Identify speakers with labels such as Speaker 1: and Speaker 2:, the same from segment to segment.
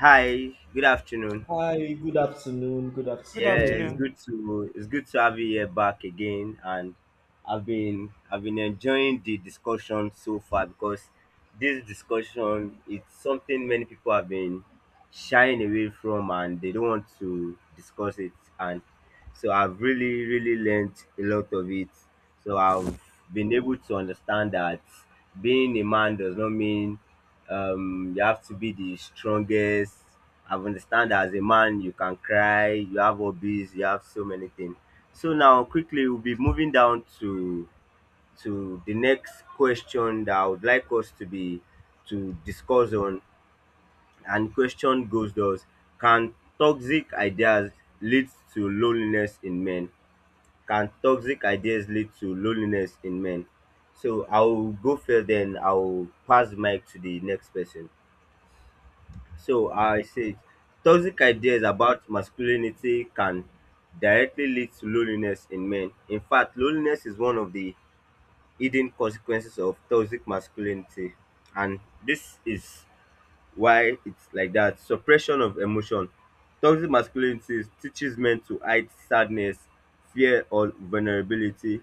Speaker 1: Hi, good afternoon.
Speaker 2: Hi, good afternoon. Good
Speaker 3: Good
Speaker 1: Yeah,
Speaker 3: afternoon.
Speaker 2: afternoon.
Speaker 1: it's good to have you here back again, and I've been enjoying the discussion so far, because this discussion is something many people have been shying away from and they don't want to discuss it. And so I've really learned a lot of it. So I've been able to understand that being a man does not mean you have to be the strongest. I've understand that as a man, you can cry, you have hobbies, you have so many things. So now, quickly, we'll be moving down to the next question that I would like us to be to discuss on. And question goes thus: can toxic ideas lead to loneliness in men? Can toxic ideas lead to loneliness in men? So I'll go first, then I'll pass the mic to the next person. So I said, toxic ideas about masculinity can directly lead to loneliness in men. In fact, loneliness is one of the hidden consequences of toxic masculinity, and this is why it's like that. Suppression of emotion. Toxic masculinity teaches men to hide sadness, fear, or vulnerability.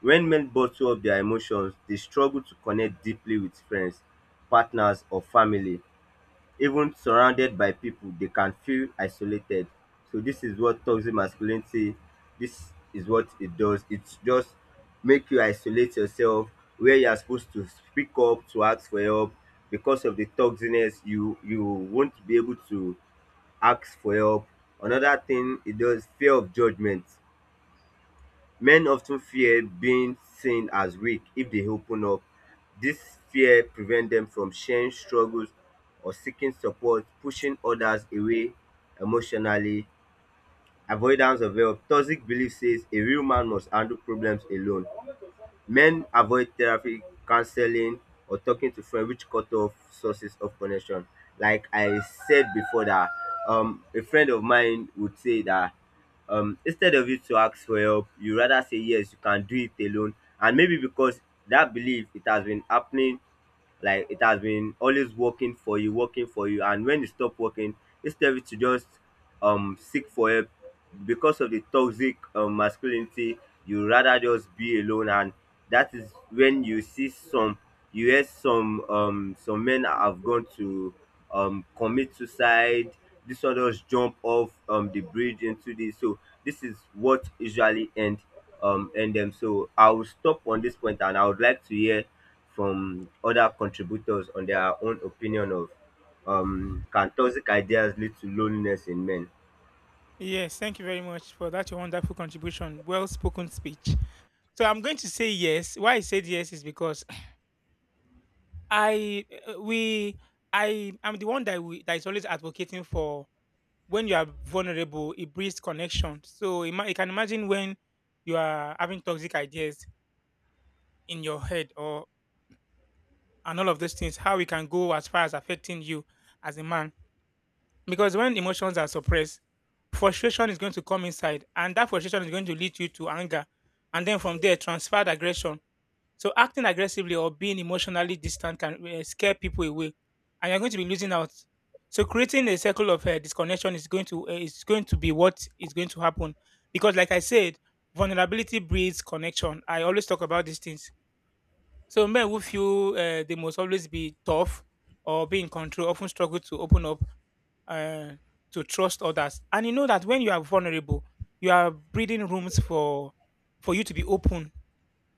Speaker 1: When men bottle up their emotions, they struggle to connect deeply with friends, partners, or family. Even surrounded by people, they can feel isolated. So this is what toxic masculinity, this is what it does. It just make you isolate yourself. Where you are supposed to speak up, to ask for help, because of the toxicness, you won't be able to ask for help. Another thing it does: fear of judgment. Men often fear being seen as weak if they open up. This fear prevents them from sharing struggles or seeking support, pushing others away emotionally. Avoidance of help. Toxic belief says a real man must handle problems alone. Men avoid therapy, counseling or talking to friends, which cut off sources of connection. Like I said before that, a friend of mine would say that, instead of you to ask for help, you rather say yes, you can do it alone. And maybe because that belief, it has been happening, like it has been always working for you, working for you and when it stop working, instead of it to just seek for help, because of the toxic masculinity, you rather just be alone. And that is when you see some, you hear some, some men have gone to commit suicide, this one just jump off the bridge into this. So this is what usually end, end them. So I will stop on this point, and I would like to hear from other contributors on their own opinion of, can toxic ideas lead to loneliness in men?
Speaker 3: Yes, thank you very much for that your wonderful contribution. Well spoken speech. So I'm going to say yes. Why I said yes is because I uh, we I am the one that is always advocating for when you are vulnerable, it breeds connection. So you can imagine when you are having toxic ideas in your head or and all of those things, how it can go as far as affecting you as a man. Because when emotions are suppressed, frustration is going to come inside, and that frustration is going to lead you to anger. And then from there, transferred aggression. So acting aggressively or being emotionally distant can scare people away, and you're going to be losing out. So creating a circle of disconnection is going to be what is going to happen, because like I said, vulnerability breeds connection. I always talk about these things. So men who feel they must always be tough or be in control often struggle to open up uh, to trust others. And you know that when you are vulnerable, you are breeding rooms for you to be open.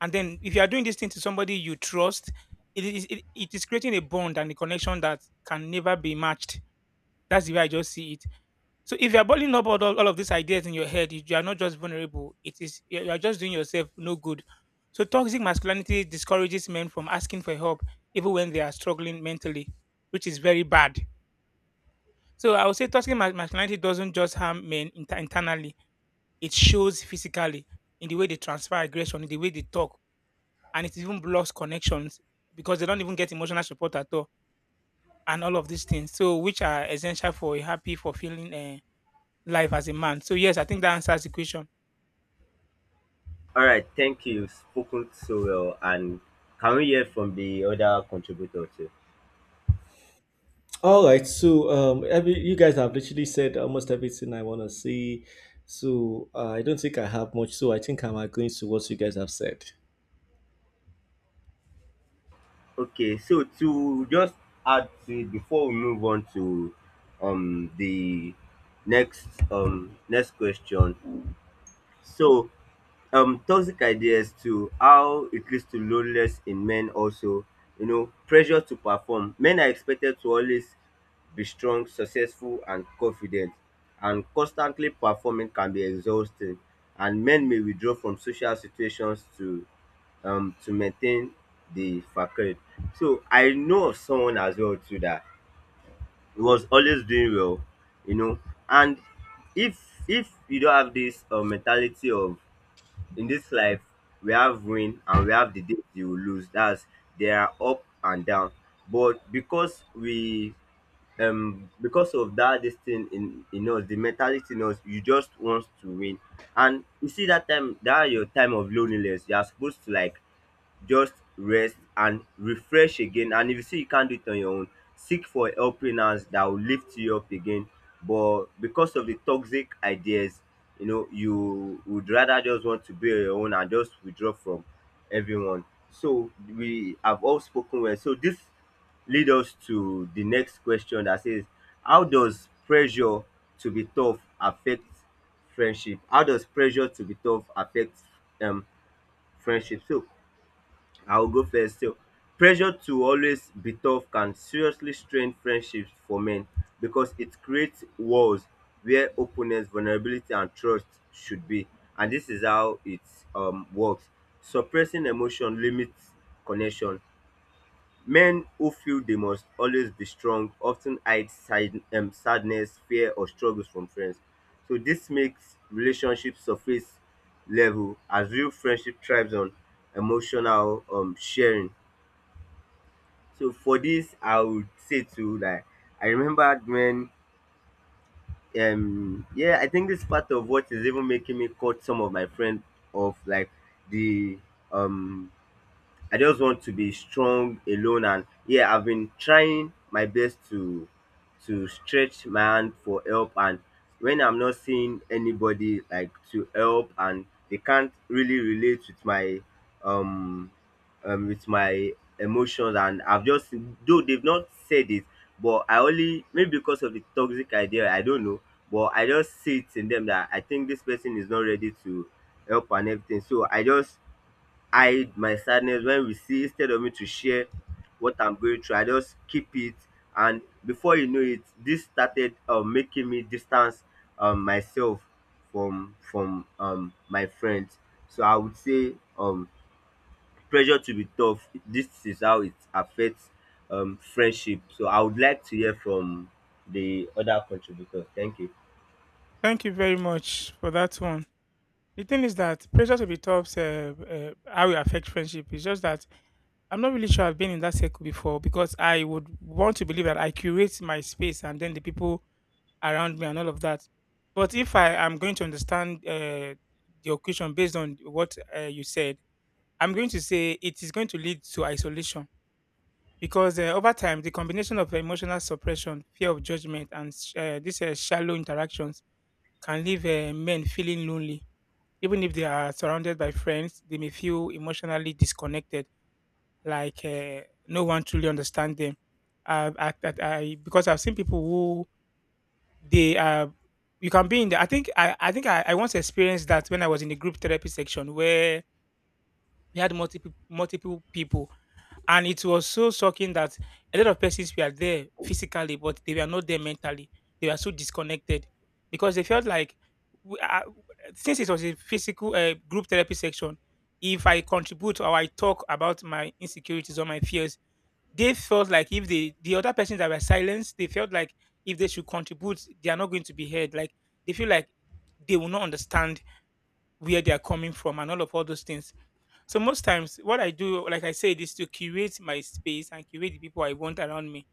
Speaker 3: And then if you are doing this thing to somebody you trust, it is creating a bond and a connection that can never be matched. That's the way I just see it. So if you are boiling up all of these ideas in your head, you are not just vulnerable. It is you are just doing yourself no good. So toxic masculinity discourages men from asking for help even when they are struggling mentally, which is very bad. So I would say toxic masculinity doesn't just harm men internally; it shows physically in the way they transfer aggression, in the way they talk, and it even blocks connections because they don't even get emotional support at all, and all of these things. So which are essential for a happy, fulfilling life as a man. So yes, I think that answers the question.
Speaker 1: All right, thank you. You've spoken so well, and can we hear from the other contributor too?
Speaker 2: All right, so every you guys have literally said almost everything I want to say, so I don't think I have much. So I think I'm agreeing to what you guys have said.
Speaker 1: Okay, so to just add to it before we move on to the next next question. So toxic ideas, to how it leads to loneliness in men, also, you know, pressure to perform. Men are expected to always be strong, successful and confident, and constantly performing can be exhausting, and men may withdraw from social situations to maintain the facade. So I know of someone as well too, that he was always doing well, you know. And if you don't have this mentality of, in this life we have win and we have the days you will lose, that's, there are up and down. But because we, because of that, this thing in us, the mentality in us, you just want to win. And you see that time, that your time of loneliness, you are supposed to like just rest and refresh again. And if you see you can't do it on your own, seek for a helping hands that will lift you up again. But because of the toxic ideas, you know, you would rather just want to be on your own and just withdraw from everyone. So we have all spoken well, so this lead us to the next question that says: how does pressure to be tough affect friendship? How does pressure to be tough affect um friendship? So I will go first sef. Pressure to always be tough can seriously strain friendships for men, because it creates walls where openness, vulnerability and trust should be. And dis is how it works. Suppressing emotion limits connection. Men who feel they must always be strong often hide side, sadness, fear, or struggles from friends. So this makes relationships surface level, as real friendship thrives on emotional sharing. So for this, I would say too that I remember when, yeah, I think this part of what is even making me cut some of my friends off, like the um I just want to be strong alone. And yeah, I've been trying my best to stretch my hand for help, and when I'm not seeing anybody like to help, and they can't really relate with my, um with my emotions, and I've just, though they've not said it, but I only, maybe because of the toxic idea, I don't know, but I just see it in them that I think this person is not ready to help and everything. So I just hide my sadness when we see. Instead of me to share what I'm going through, I just keep it. And before you know it, this started, making me distance myself from my friends. So I would say, pressure to be tough, this is how it affects friendship. So I would like to hear from the other contributors. Thank you.
Speaker 3: Thank you very much for that one. The thing is that pressure to be tops how it affects friendship. It's just that I'm not really sure I've been in that circle before because I would want to believe that I curate my space and then the people around me and all of that. But if I am going to understand your question based on what you said, I'm going to say it is going to lead to isolation because over time, the combination of emotional suppression, fear of judgment, and these shallow interactions can leave men feeling lonely even if they are surrounded by friends, they may feel emotionally disconnected, like no one truly understands them. Because I've seen people they are, you can be in the, I once experienced that when I was in the group therapy section where we had multiple people and it was so shocking that a lot of persons were there physically, but they were not there mentally. They were so disconnected because they felt like, w- uh, since it was a physical group therapy section, if I contribute or I talk about my insecurities or my fears, they felt like if they, the other persons that were silenced, they felt like if they should contribute, they are not going to be heard. Like they feel like they will not understand where they are coming from and all those things. So most times, what I do, like I said, is to curate my space and curate the people I want around me.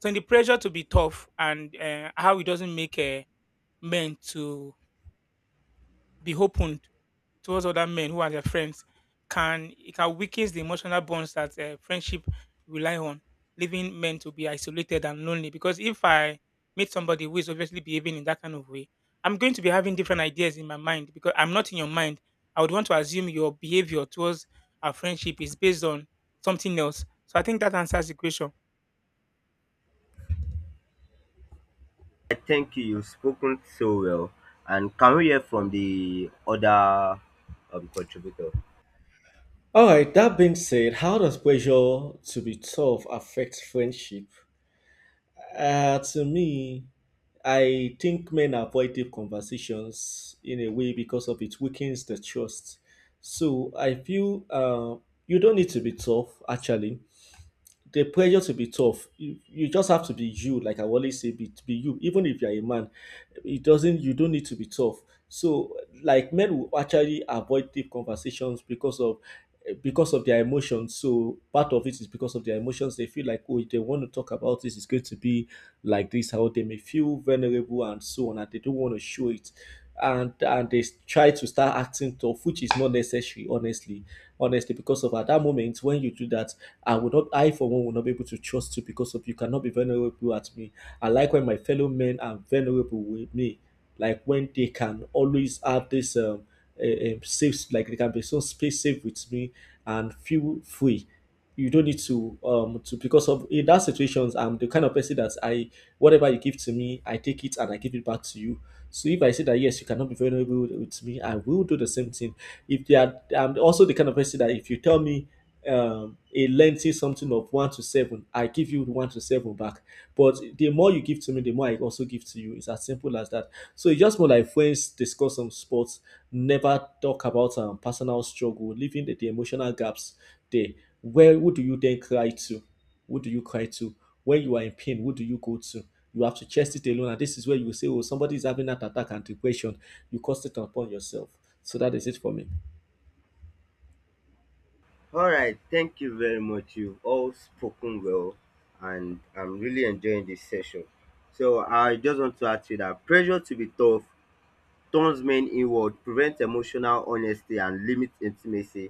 Speaker 3: So in the pressure to be tough and how it doesn't make men to be open towards other men who are their friends can it can weaken the emotional bonds that friendship rely on, leaving men to be isolated and lonely. Because if I meet somebody who is obviously behaving in that kind of way, I'm going to be having different ideas in my mind because I'm not in your mind. I would want to assume your behavior towards our friendship is based on something else. So I think that answers the question.
Speaker 1: I thank you, you've spoken so well, and can we hear from the other contributor?
Speaker 2: All right, that being said, how does pressure to be tough affect friendship? To me, I think men avoid deep conversations in a way because of it weakens the trust. So I feel you don't need to be tough actually the pressure to be tough you just have to be you, like I always say, be you. Even if you're a man it doesn't you don't need to be tough. So like men will actually avoid deep conversations because of their emotions. So part of it is because of their emotions. They feel like, oh, if they want to talk about this it's going to be like this, how they may feel vulnerable and so on, and they don't want to show it. And they try to start acting tough, which is not necessary, honestly, because of at that moment when you do that I for one will not be able to trust you, because of you cannot be vulnerable at me. I like when my fellow men are vulnerable with me, like when they can always have this safe, like they can be so space safe with me and feel free. You don't need to because of in that situations, I'm the kind of person that I whatever you give to me I take it and I give it back to you. So if I say that, yes, you cannot be vulnerable with me, I will do the same thing. If they are, I'm also the kind of person that if you tell me a lengthy something of one to seven, I give you one to seven back. But the more you give to me, the more I also give to you. It's as simple as that. So it's just more like friends discuss some sports, never talk about personal struggle, leaving the emotional gaps there. Where who do you then cry to? Who do you cry to? When you are in pain, who do you go to? You have to chest it alone, and this is where you will say, "Oh, somebody is having that attack and depression." You cast it upon yourself. So that is it for me.
Speaker 1: All right, thank you very much. You've all spoken well, and I'm really enjoying this session. So I just want to add to that, pressure to be tough turns men inward, prevents emotional honesty and limits intimacy.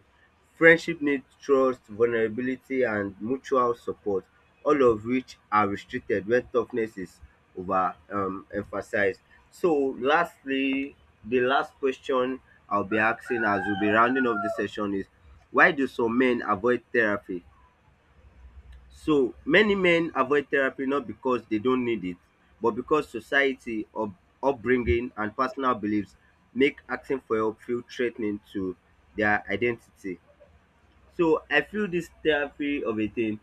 Speaker 1: Friendship needs trust, vulnerability and mutual support, all of which are restricted when toughness is over emphasized. So lastly, the last question I'll be asking as we'll be rounding off the session is: why do some men avoid therapy? So many men avoid therapy, not because they don't need it, but because society, upbringing, and personal beliefs make asking for help feel threatening to their identity. So I feel this therapy of a thing,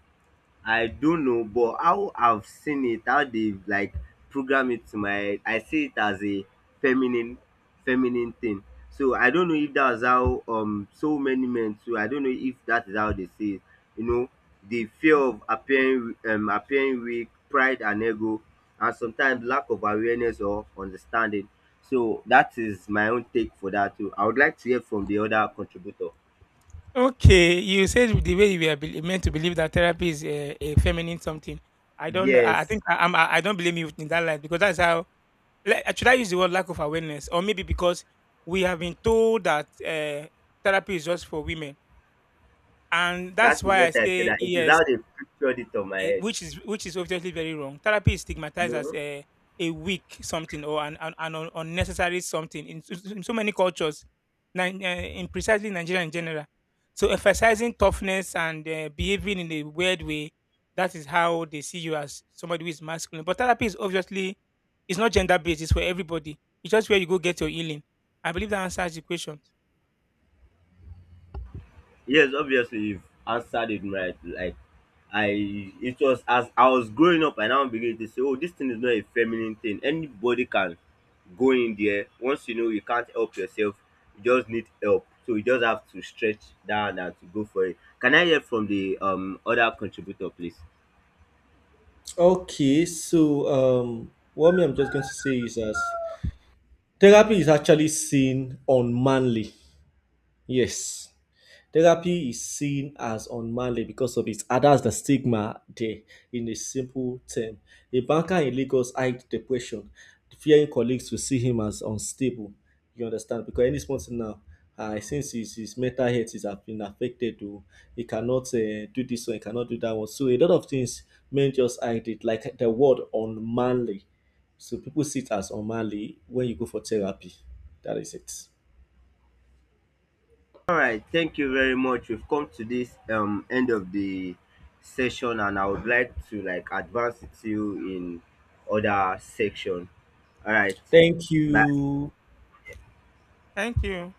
Speaker 1: I don't know, but how I've seen it, how they've like programmed it to my, I see it as a feminine feminine thing. So I don't know if that's how so many men too. I don't know if that is how they see it. You know, the fear of appearing, appearing weak, pride and ego, and sometimes lack of awareness or understanding. So that is my own take for that too. I would like to hear from the other contributor.
Speaker 3: Okay, you said the way you were meant to believe that therapy is a feminine something. I don't. I
Speaker 1: Yes,
Speaker 3: think I I don't blame you in that light because that's how should I use the word lack of awareness, or maybe because we have been told that therapy is just for women, and
Speaker 1: that
Speaker 3: that's
Speaker 1: is
Speaker 3: why I
Speaker 1: what I said.
Speaker 3: say
Speaker 1: That it is
Speaker 3: yes,
Speaker 1: how they pictured it on my head.
Speaker 3: which is obviously very wrong. Therapy is stigmatized as
Speaker 1: Mhm.
Speaker 3: a weak something or an unnecessary something in, in so many cultures, in precisely Nigeria in general. So emphasizing toughness and behaving in a weird way, that is how they see you as somebody who is masculine. But therapy is obviously it's not gender based. It's for everybody. It's just where you go get your healing. I believe that answers the question.
Speaker 1: Yes, obviously you've answered it right. Like I, it was as I was growing up I now begin to say, oh, this thing is not a feminine thing. Anybody can go in there. Once you know you can't help yourself, you just need help. So you just have to stretch down and to go for it. Can I hear from the other contributor please?
Speaker 2: Okay, so what me, I'm just going to say is that therapy is actually seen unmanly. Yes, therapy is seen as unmanly because of its, and that's the stigma there, in a simple term. A banker in Lagos hide depression, fearing colleagues will see him as unstable. You understand? Because any sponsor now, since his mental health is have been affected, oh, he cannot do this one, he cannot do that one. So a lot of things men just hide it, like the word unmanly. So people see it as unmanly when you go for therapy. That is it.
Speaker 1: All right, thank you very much. We've come to this end of the session, and I would like to like advance it to you in other section. All right,
Speaker 2: Thank
Speaker 1: bye.
Speaker 2: you.
Speaker 3: Thank you.